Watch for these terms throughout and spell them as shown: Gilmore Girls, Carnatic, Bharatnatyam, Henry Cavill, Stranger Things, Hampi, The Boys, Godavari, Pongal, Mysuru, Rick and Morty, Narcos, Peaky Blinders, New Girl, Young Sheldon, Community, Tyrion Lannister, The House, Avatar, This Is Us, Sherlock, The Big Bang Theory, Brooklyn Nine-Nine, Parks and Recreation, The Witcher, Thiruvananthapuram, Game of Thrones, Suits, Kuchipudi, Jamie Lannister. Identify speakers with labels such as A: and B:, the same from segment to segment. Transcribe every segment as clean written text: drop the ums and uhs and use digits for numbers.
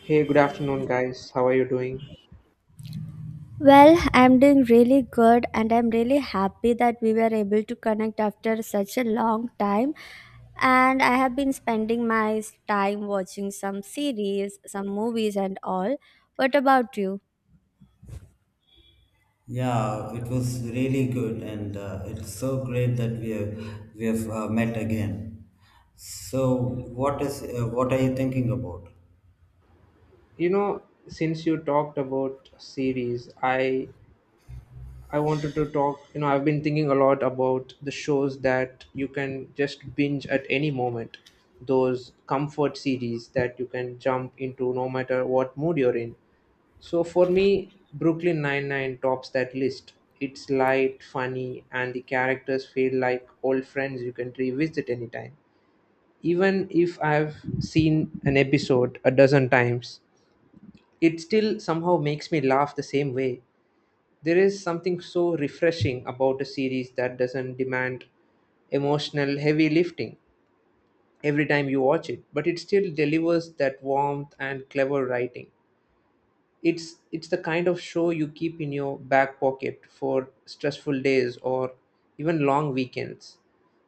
A: Hey, good afternoon, guys. How are you doing?
B: Well, I'm doing really good and I'm really happy that we were able to connect after such a long time. And I have been spending my time watching some series, some movies, and all. What about you?
C: Yeah, it was really good, and it's so great that we have we have met again. So, what is what are you thinking about?
A: You know, since you talked about series, I wanted to talk. You know, I've been thinking a lot about the shows that you can just binge at any moment. Those comfort series that you can jump into no matter what mood you're in. So for me, Brooklyn Nine-Nine tops that list. It's light, funny, and the characters feel like old friends you can revisit anytime even if I've seen an episode a dozen times, it still somehow makes me laugh the same way. There is something so refreshing about a series that doesn't demand emotional heavy lifting every time you watch it, but it still delivers that warmth and clever writing. It's the kind of show you keep in your back pocket for stressful days or even long weekends.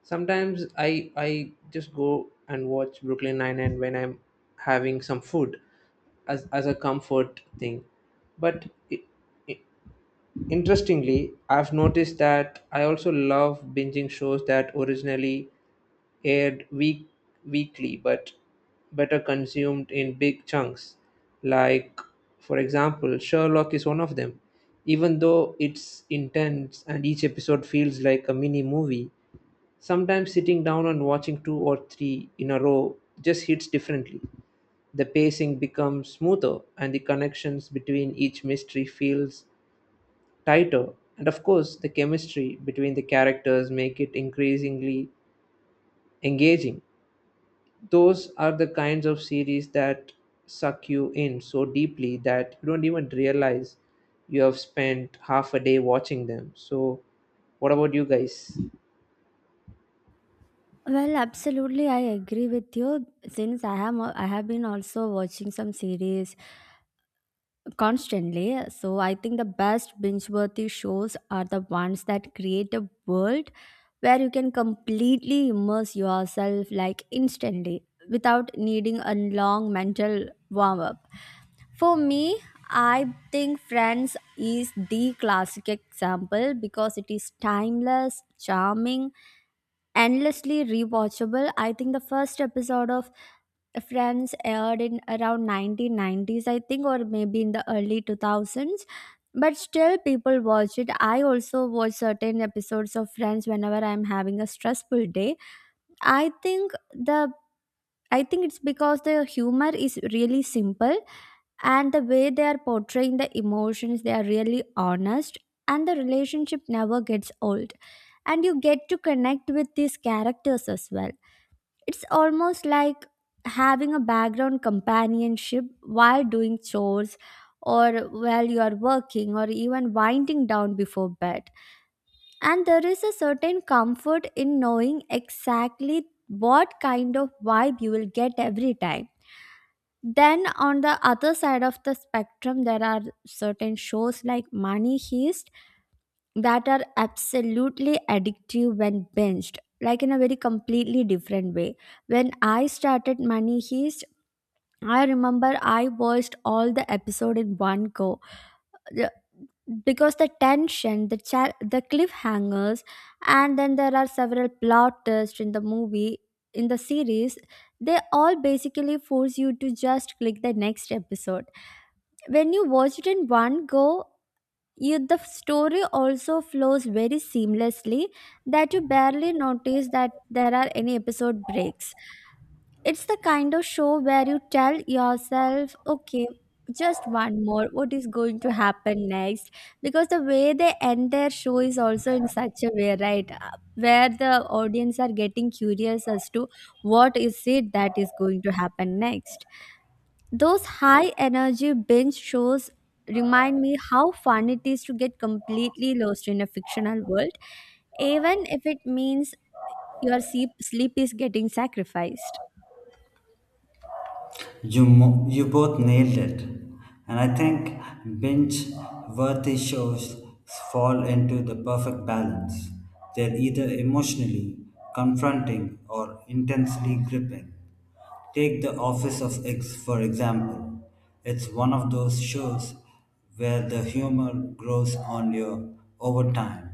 A: Sometimes I just go and watch Brooklyn Nine Nine when I'm having some food as a comfort thing. But I I interestingly, I've noticed that I also love binging shows that originally aired weekly but better consumed in big chunks. Like, for example, Sherlock is one of them. Even though it's intense and each episode feels like a mini movie, sometimes sitting down and watching two or three in a row just hits differently. The pacing becomes smoother and the connections between each mystery feels tighter. And of course, the chemistry between the characters make it increasingly engaging, those are the kinds of series that suck you in so deeply that you don't even realize you have spent half a day watching them. So, what about you guys?
B: Well, absolutely, I agree with you. Since I have been also watching some series constantly, so I think the best binge-worthy shows are the ones that create a world where you can completely immerse yourself like instantly without needing a long mental warm up. For me, I think Friends is the classic example because it is timeless, charming, endlessly rewatchable. I think the first episode of Friends aired in around 1990s, I think, or maybe in the early 2000s. But still, people watch it. I also watch certain episodes of Friends whenever I'm having a stressful day. I think the I think it's because the humor is really simple and the way they are portraying the emotions, they are really honest and the relationship never gets old. And you get to connect with these characters as well. It's almost like having a background companionship while doing chores or while you are working or even winding down before bed. And there is a certain comfort in knowing exactly what kind of vibe you will get every time. Then, on the other side of the spectrum, there are certain shows like Money Heist that are absolutely addictive when binged, like in a very completely different way. When I started Money Heist, I remember I watched all the episode in one go. The- because the tension, the cliffhangers, and then there are several plot twists in the movie, in the series, they all basically force you to just click the next episode. When you watch it in one go, you the story also flows very seamlessly that you barely notice that there are any episode breaks. It's the kind of show where you tell yourself, okay, just one more, what is going to happen next? Because the way they end their show is also in such a way, right? Where the audience are getting curious as to what is it that is going to happen next. Those high energy binge shows remind me how fun it is to get completely lost in a fictional world, even if it means your sleep is getting sacrificed.
C: You both nailed it. And I think binge worthy shows fall into the perfect balance. They're either emotionally confronting or intensely gripping. Take The Office of X, for example. It's one of those shows where the humor grows on you over time.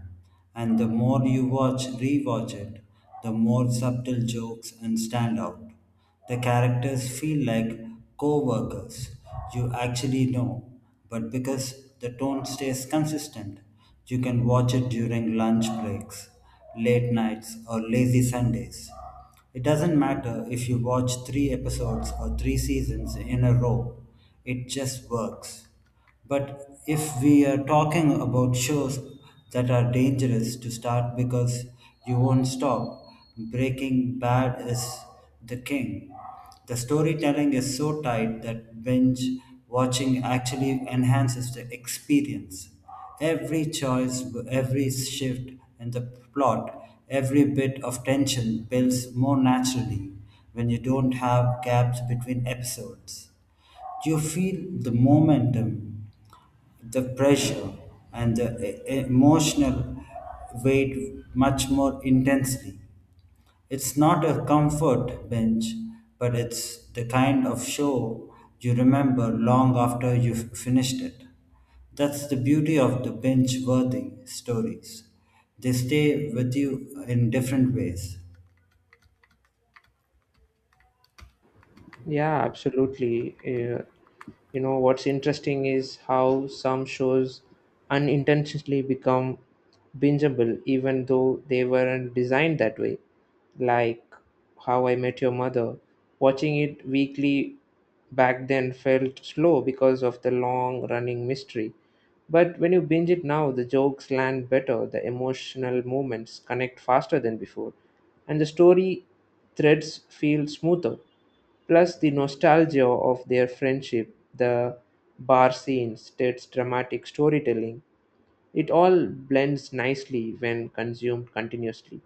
C: And the more you rewatch it, the more subtle jokes and stand out. The characters feel like co workers you actually know, but because the tone stays consistent, you can watch it during lunch breaks, late nights, or lazy Sundays. It doesn't matter if you watch three episodes or three seasons in a row, it just works. But if we are talking about shows that are dangerous to start because you won't stop, Breaking Bad is the king. The storytelling is so tight that binge watching actually enhances the experience. Every choice, every shift in the plot, every bit of tension builds more naturally when you don't have gaps between episodes. You feel the momentum, the pressure, and the emotional weight much more intensely. It's not a comfort bench, but it's the kind of show you remember long after you've finished it. That's the beauty of the bench worthy stories. They stay with you in different ways.
A: Yeah, absolutely. Yeah. You know what's interesting is how some shows unintentionally become bingeable even though they weren't designed that way, like how I met your mother. Watching it weekly back then felt slow because of the long running mystery, but when you binge it now, the jokes land better, the emotional moments connect faster than before, and the story threads feel smoother. Plus the nostalgia of their friendship, the bar scenes, Ted's dramatic storytelling, it all blends nicely when consumed continuously.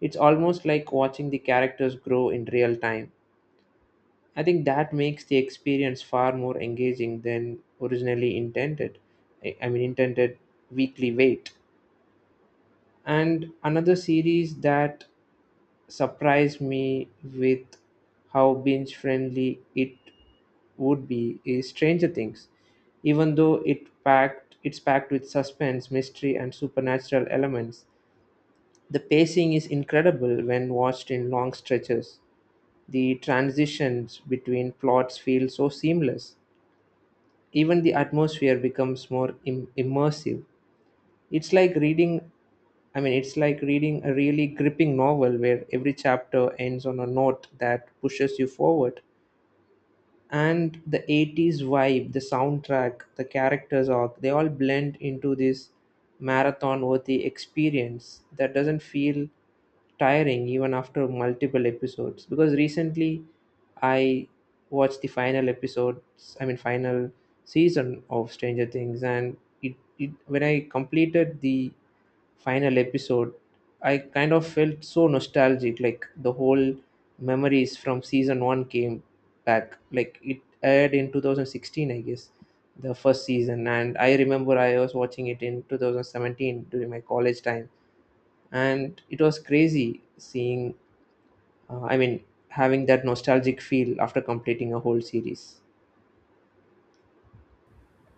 A: It's almost like watching the characters grow in real time. I think that makes the experience far more engaging than originally intended. I mean, intended weekly wait. And another series that surprised me with how binge friendly it would be is Stranger Things. Even though it's packed with suspense, mystery and supernatural elements, the pacing is incredible when watched in long stretches. The transitions between plots feel so seamless. Even the atmosphere becomes more immersive. It's like reading I mean, it's like reading a really gripping novel where every chapter ends on a note that pushes you forward. And the 80s vibe, the soundtrack, the characters arc, they all blend into this marathon worthy experience that doesn't feel tiring even after multiple episodes. Because recently I watched the I mean, final season of Stranger Things, and it when I completed the final episode, I kind of felt so nostalgic. Like the whole memories from season one came back. Like it aired in 2016, I guess, the first season. And I remember I was watching it in 2017 during my college time. And it was crazy seeing, I mean, having that nostalgic feel after completing a whole series.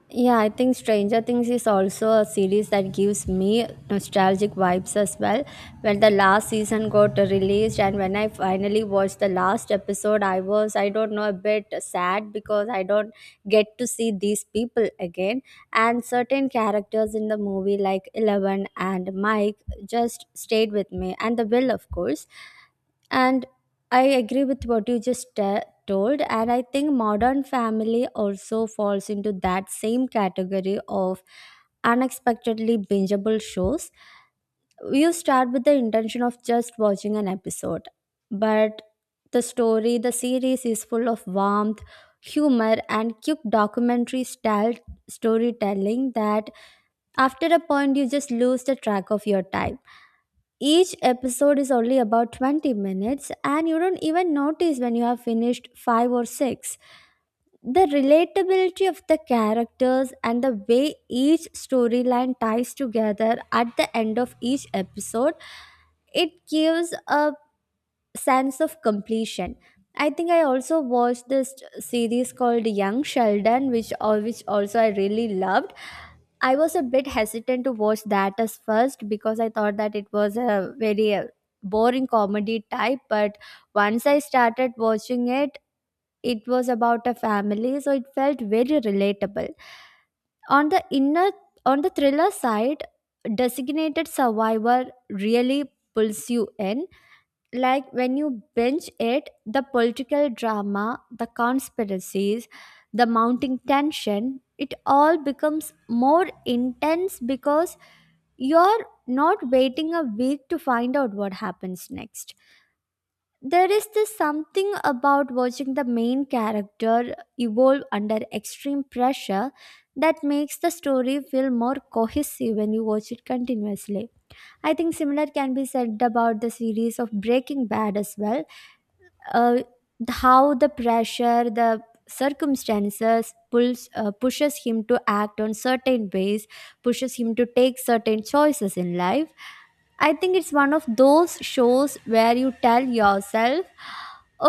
B: Yeah, I think Stranger Things is also a series that gives me nostalgic vibes as well. When the last season got released and when I finally watched the last episode, I was, I don't know, a bit sad because I don't get to see these people again. And certain characters in the movie, like Eleven and Mike, just stayed with me, and the Will, of course. And I agree with what you just told, and I think Modern Family also falls into that same category of unexpectedly bingeable shows. You start with the intention of just watching an episode, but the story, the series is full of warmth, humor, and cute documentary style storytelling that after a point you just lose the track of your time. Each episode is only about 20 minutes, and you don't even notice when you have finished 5 or 6. The relatability of the characters and the way each storyline ties together at the end of each episode, it gives a sense of completion. I think I also watched this series called Young Sheldon, which all which also I really loved. I was a bit hesitant to watch that as first because I thought that it was a very boring comedy type. But once I started watching it, it was about a family, so it felt very relatable. On the inner, on the thriller side, Designated Survivor really pulls you in, like when you binge it, the political drama, the conspiracies, the mounting tension, it all becomes more intense because you're not waiting a week to find out what happens next. There is this something about watching the main character evolve under extreme pressure that makes the story feel more cohesive when you watch it continuously. I think similar can be said about the series of Breaking Bad as well. Uh, how the pressure, the circumstances pulls pushes him to act on certain ways, pushes him to take certain choices in life. I think it's one of those shows where you tell yourself,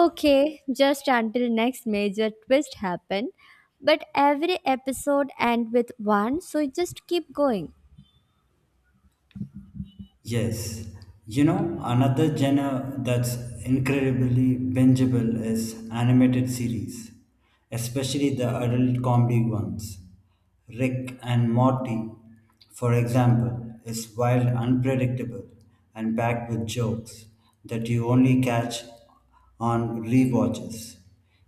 B: okay, just until next major twist happen, but every episode end with one, so you just keep going.
C: Yes, you know, another genre that's incredibly bingeable is animated series, especially the adult comedy ones. Rick and Morty, for example, is wild, unpredictable, and packed with jokes that you only catch on rewatches.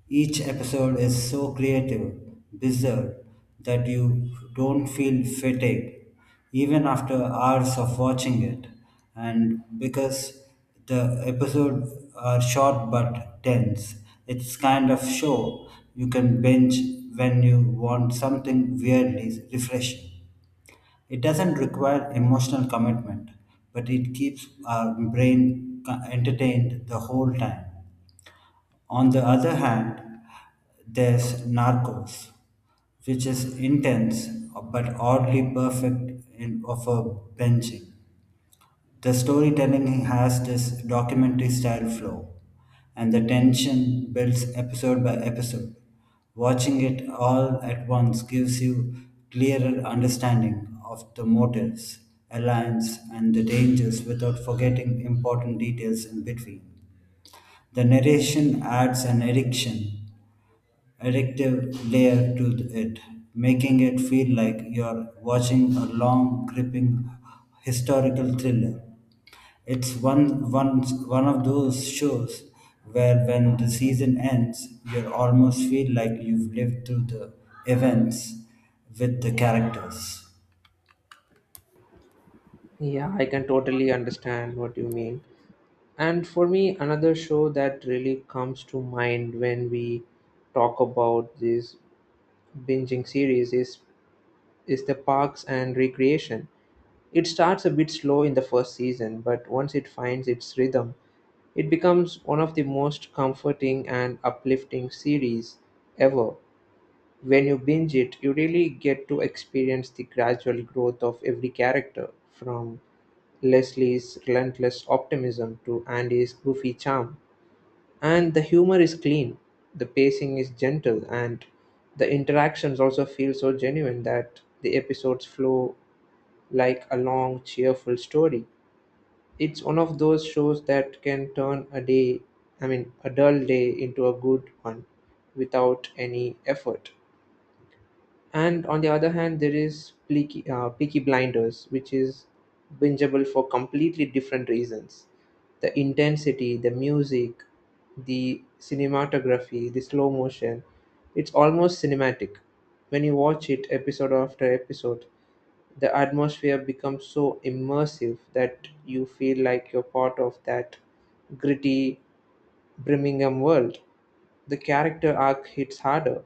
C: Each episode is so creative, bizarre, that you don't feel fatigued even after hours of watching it. And because the episodes are short but dense, it's kind of show you can binge when you want something weirdly refreshing. It doesn't require emotional commitment, but it keeps our brain entertained the whole time. On the other hand, there's Narcos, which is intense but oddly perfect in, of a benching. The storytelling has this documentary style flow, and the tension builds episode by episode. Watching it all at once gives you clearer understanding of the motives, alliance, and the dangers without forgetting important details in between. The narration adds an addictive layer to it, making it feel like you're watching a long, gripping historical thriller. It's one of those shows where, when the season ends, you almost feel like you've lived through the events with the characters.
A: Yeah, I can totally understand what you mean. And for me, another show that really comes to mind when we talk about this binging series is the Parks and Recreation. It starts a bit slow in the first season, but once it finds its rhythm, it becomes one of the most comforting and uplifting series ever. When you binge it, you really get to experience the gradual growth of every character, from Leslie's relentless optimism to Andy's goofy charm. And the humor is clean, the pacing is gentle, and the interactions also feel so genuine that the episodes flow like a long, cheerful story. It's one of those shows that can turn I mean, a dull day into a good one without any effort. And on the other hand, there is Peaky Blinders, which is bingeable for completely different reasons. The intensity, the music, the cinematography, the slow motion, it's almost cinematic. When you watch it episode after episode, the atmosphere becomes so immersive that you feel like you're part of that gritty Birmingham world. The character arc hits harder,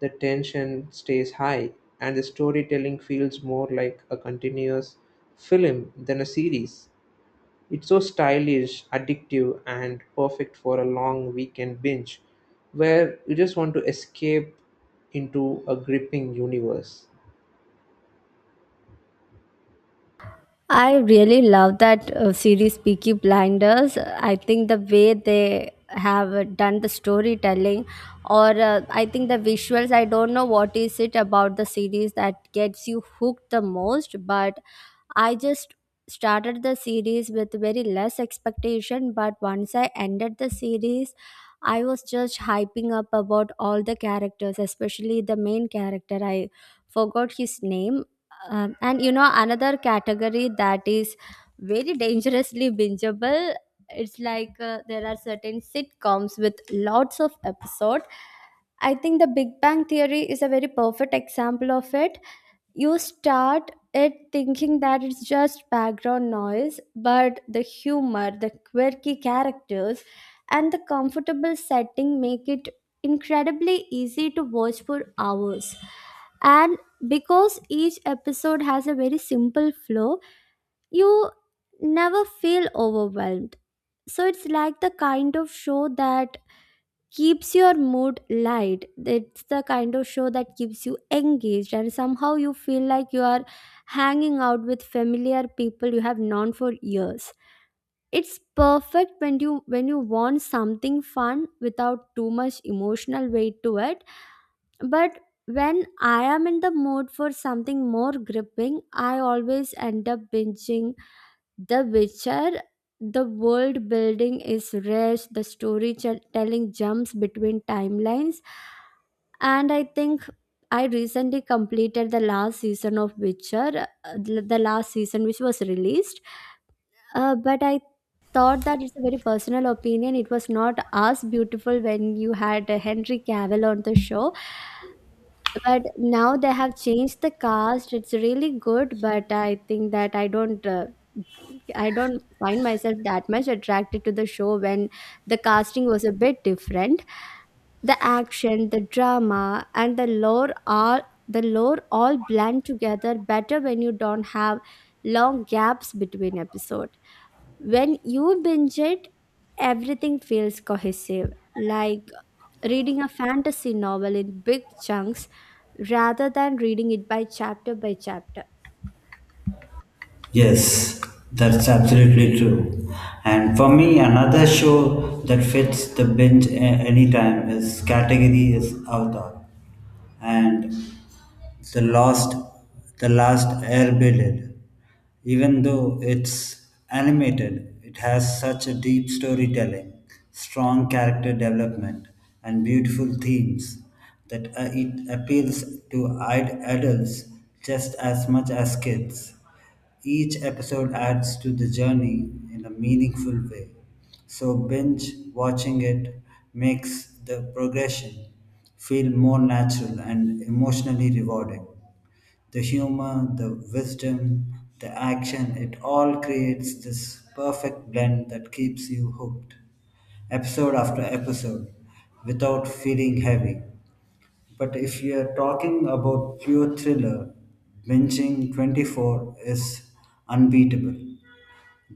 A: the tension stays high, and the storytelling feels more like a continuous film than a series. It's so stylish, addictive, and perfect for a long weekend binge where you just want to escape into a gripping universe.
B: I really love that series Peaky Blinders. I think the way they have done the storytelling or I think the visuals, I don't know what is it about the series that gets you hooked the most, but I just started the series with very less expectation, but once I ended the series, I was just hyping up about all the characters, especially the main character. I forgot his name. And you know, another category that is very dangerously bingeable. It's like there are certain sitcoms with lots of episode. I think The Big Bang Theory is a very perfect example of it. You start it thinking that it's just background noise, but the humor, the quirky characters, and the comfortable setting make it incredibly easy to watch for hours. And because each episode has a very simple flow, you never feel overwhelmed. So it's like the kind of show that keeps your mood light. It's the kind of show that keeps you engaged, and somehow you feel like you are hanging out with familiar people you have known for years. It's perfect when you want something fun without too much emotional weight to it. But when I am in the mood for something more gripping, I always end up binging the Witcher. The world building is rich, the storytelling jumps between timelines, and I think I recently completed the last season of Witcher, the last season which was released. But I thought that it's a very personal opinion. It was not as beautiful when you had Henry Cavill on the show. But now they have changed the cast. It's really good, but I think that I don't find myself that much attracted to the show when the casting was a bit different. The action, the drama, and the lore all blend together better when you don't have long gaps between episode. When you binge it, everything feels cohesive. Like reading a fantasy novel in big chunks rather than reading it by chapter.
C: Yes, that's absolutely true. And for me, another show that fits the binge anytime is category is Avatar, and the last, the last Airbnb. Even though it's animated, it has such a deep storytelling, strong character development, and beautiful themes that it appeals to adults just as much as kids. Each episode adds to the journey in a meaningful way, so binge watching it makes the progression feel more natural and emotionally rewarding. The humor, the wisdom, the action, it all creates this perfect blend that keeps you hooked, episode after episode, without feeling heavy. But if you're talking about pure thriller, binging 24 is unbeatable.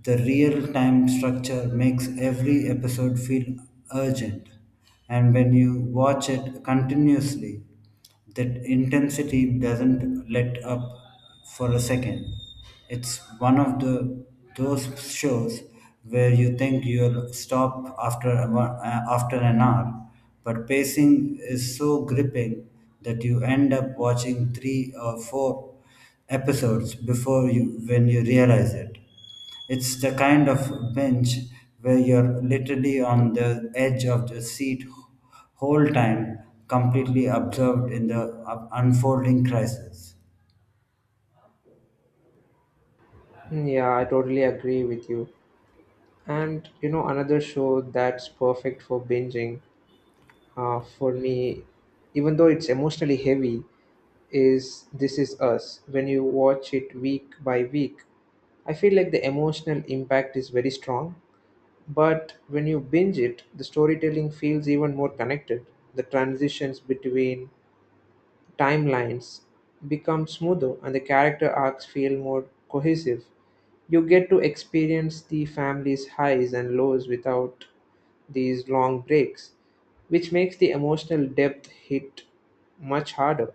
C: The real time structure makes every episode feel urgent, and when you watch it continuously, that intensity doesn't let up for a second. It's one of the those shows where you think you'll stop after after an hour, but pacing is so gripping that you end up watching three or four episodes before you realize it. It's the kind of bench where you're literally on the edge of the seat whole time, completely absorbed in the unfolding crisis.
A: Mm, yeah, I totally agree with you. And you know, another show that's perfect for binging, for me, even though it's emotionally heavy, is This Is Us. When you watch it week by week, I feel like the emotional impact is very strong. But when you binge it, the storytelling feels even more connected. The transitions between timelines become smoother and the character arcs feel more cohesive. You get to experience the family's highs and lows without these long breaks, which makes the emotional depth hit much harder.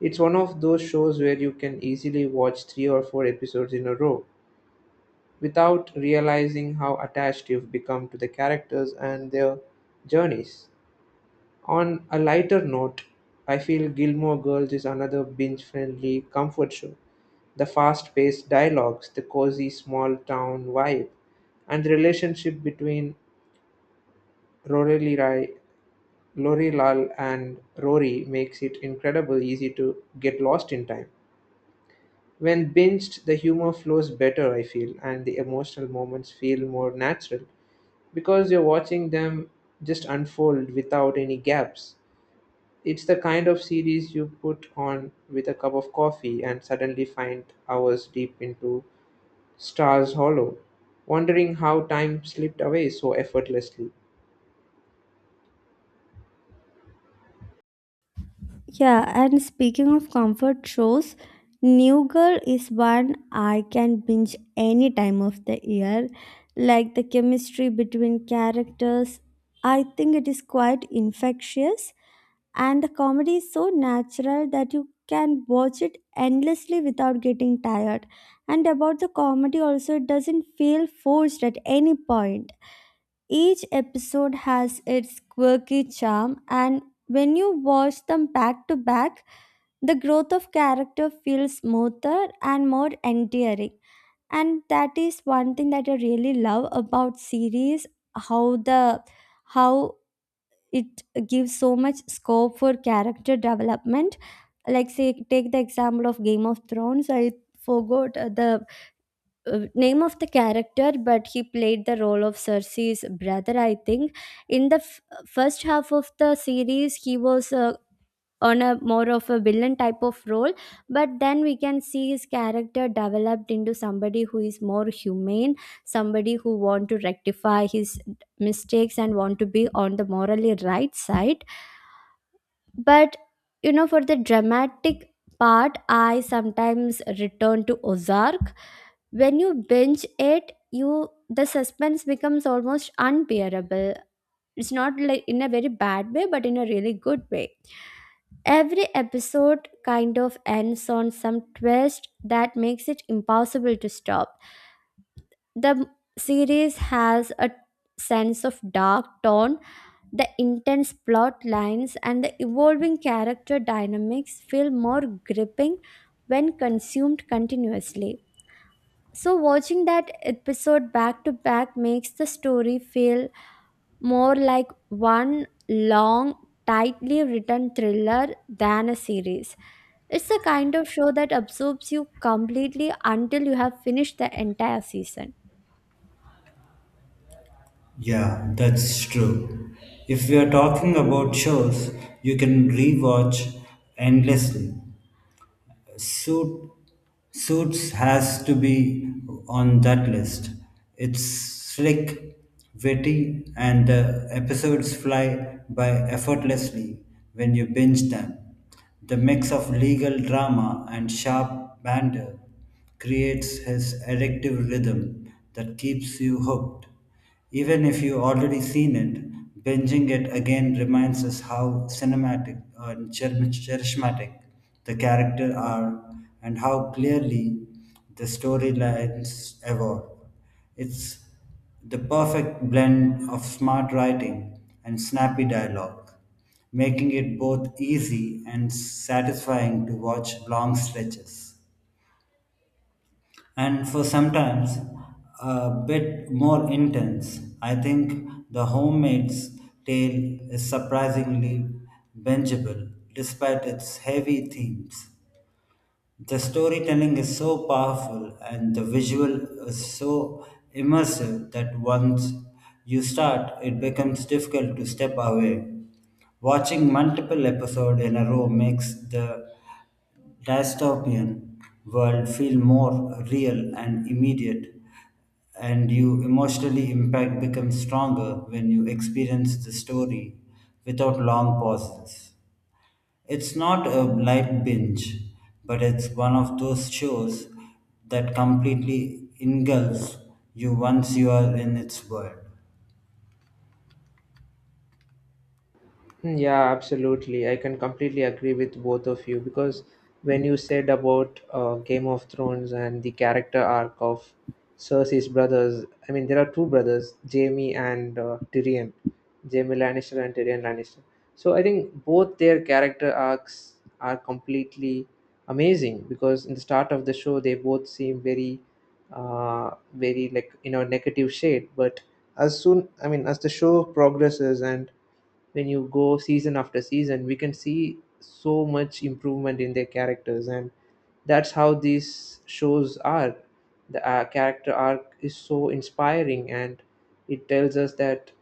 A: It's one of those shows where you can easily watch three or four episodes in a row without realizing how attached you've become to the characters and their journeys. On a lighter note, I feel Gilmore Girls is another binge friendly comfort show. The fast paced dialogues, the cozy small town vibe, and the relationship between Rory Rai- Lori Lal and Rory makes it incredibly easy to get lost in time. When binged, the humor flows better, I feel, and the emotional moments feel more natural because you're watching them just unfold without any gaps. It's the kind of series you put on with a cup of coffee and suddenly find hours deep into Stars Hollow, wondering how time slipped away so effortlessly.
B: Yeah, and speaking of comfort shows, New Girl is one I can binge any time of the year. Like the chemistry between characters, I think it is quite infectious. And the comedy is so natural that you can watch it endlessly without getting tired. And about the comedy, also, it doesn't feel forced at any point. Each episode has its quirky charm, and when you watch them back to back, the growth of character feels smoother and more endearing. And that is one thing that I really love about series, how the how it gives so much scope for character development. Like say take the example of Game of Thrones. I forgot the name of the character, but he played the role of Cersei's brother, I think. In the first half of the series, he was on a more of a villain type of role, but then we can see his character developed into somebody who is more humane, somebody who want to rectify his mistakes and want to be on the morally right side. But you know, for the dramatic part, I sometimes return to Ozark. When you binge it, you the suspense becomes almost unbearable. It's not like in a very bad way, but in a really good way. Every episode kind of ends on some twist that makes it impossible to stop. The series has a sense of dark tone, the intense plot lines and the evolving character dynamics feel more gripping when consumed continuously. So, watching that episode back to back makes the story feel more like one long, tightly written thriller than a series. It's the kind of show that absorbs you completely until you have finished the entire season.
C: Yeah, that's true. If we are talking about shows, you can rewatch endlessly. Suit, Suits has to be on that list. It's slick, witty, and the episodes fly by effortlessly when you binge them. The mix of legal drama and sharp banter creates his addictive rhythm that keeps you hooked. Even if you already seen it, binging it again reminds us how cinematic and charismatic the characters are and how clearly the storylines evolve. It's the perfect blend of smart writing and snappy dialogue, making it both easy and satisfying to watch long stretches and for sometimes a bit more intense. I think the homemade's tale is surprisingly bingeable despite its heavy themes. The storytelling is so powerful and the visual is so immersive that once you start, it becomes difficult to step away. Watching multiple episodes in a row makes the dystopian world feel more real and immediate, and you emotionally impact becomes stronger when you experience the story without long pauses. It's not a light binge, but it's one of those shows that completely engulfs you once you are in its world.
A: Hmm, yeah, absolutely. I can completely agree with both of you because when you said about Game of Thrones and the character arc of Cersei's brothers, I mean, there are two brothers, Jamie and Tyrion, Jamie Lannister and Tyrion Lannister. So I think both their character arcs are completely amazing because in the start of the show, they both seem very, like, you know, negative shade. But as soon, I mean, as the show progresses and when you go season after season, we can see so much improvement in their characters, and that's how these shows are. The character arc is so inspiring, and it tells us that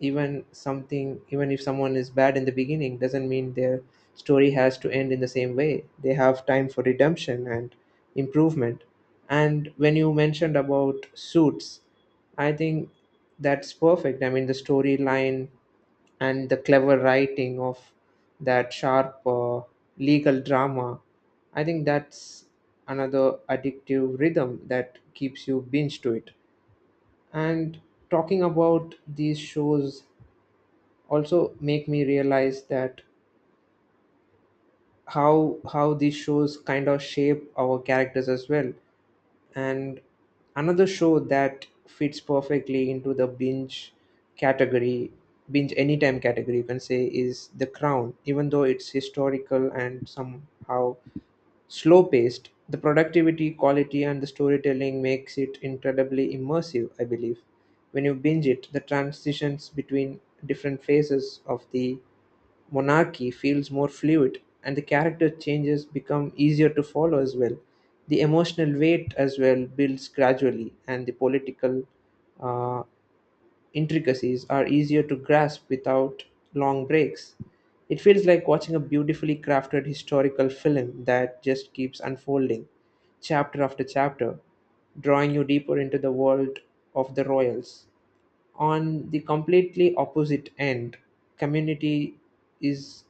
A: even even if someone is bad in the beginning, doesn't mean their story has to end in the same way. They have time for redemption and improvement. And when you mentioned about suits, I think that's perfect. I mean, the storyline and the clever writing of that sharp legal drama, I think that's another addictive rhythm that keeps you binge to it. And talking about these shows also make me realize that how these shows kind of shape our characters as well. And another show that fits perfectly into the category, binge anytime category, you can say, is The Crown. Even though it's historical and somehow slow paced, the productivity, quality, and the storytelling makes it incredibly immersive, I believe. When you binge it, the transitions between different phases of the monarchy feels more fluid and the character changes become easier to follow as well. The emotional weight as well builds gradually, and the political uh, intricacies are easier to grasp without long breaks. It feels like watching a beautifully crafted historical film that just keeps unfolding chapter after chapter, drawing you deeper into the world of the royals. On the completely opposite end, Community is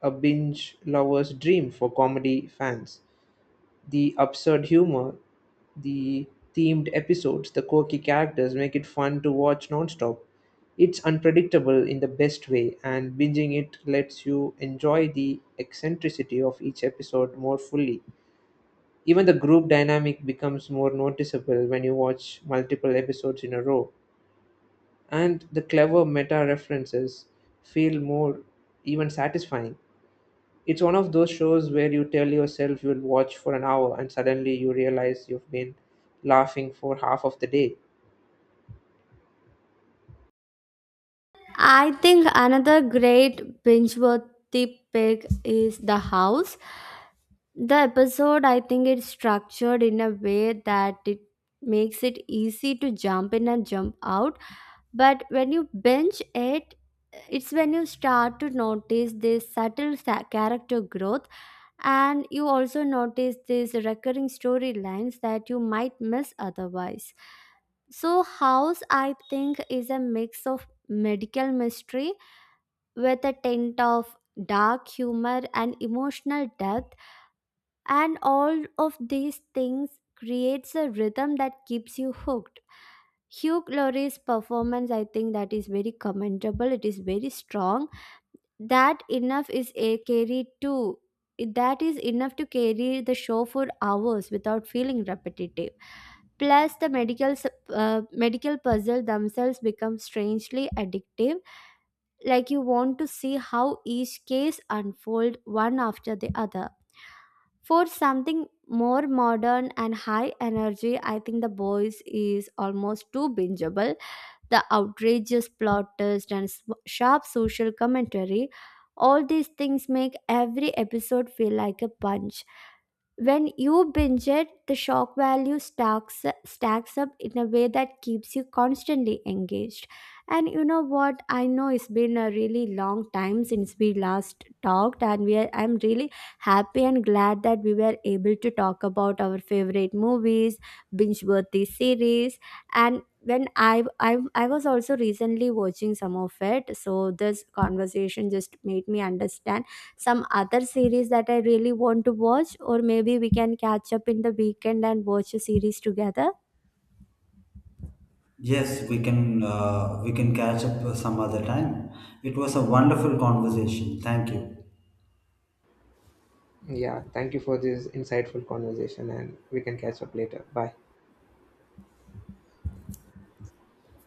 A: a binge lover's dream for comedy fans. The absurd humor, the themed episodes, the quirky characters make it fun to watch nonstop. It's unpredictable in the best way, and binging it lets you enjoy the eccentricity of each episode more fully. Even the group dynamic becomes more noticeable when you watch multiple episodes in a row and the clever meta references feel more even satisfying. It's one of those shows where you tell yourself you'll watch for an hour and suddenly you realize you've been laughing for half of the day.
B: I think another great binge worthy pick is The House. The episode, I think, it's structured in a way that it makes it easy to jump in and jump out. But when you binge it, it's when you start to notice this subtle character growth, and you also notice these recurring storylines that you might miss otherwise. So, House, I think, is a mix of medical mystery with a tint of dark humor and emotional depth, and all of these things creates a rhythm that keeps you hooked. Hugh Laurie's performance, I think, that is very commendable. It is very strong. that enough is a carry too that is enough to carry the show for hours without feeling repetitive. Plus the medical puzzle themselves become strangely addictive. Like you want to see how each case unfold one after the other. For something more modern and high energy, I think The Boys is almost too bingeable. The outrageous plot twist and sharp social commentary, all these things make every episode feel like a punch. When you binge it, the shock value stacks up in a way that keeps you constantly engaged. And you know what? I know it's been a really long time since we last talked, and I'm really happy and glad that we were able to talk about our favorite movies, binge-worthy series, and when I was also recently watching some of it, so this conversation just made me understand some other series that I really want to watch, or maybe we can catch up in the weekend and watch a series together.
C: Yes, we can catch up some other time. It was a wonderful conversation. Thank you.
A: Yeah, thank you for this insightful conversation and we can catch up later. Bye.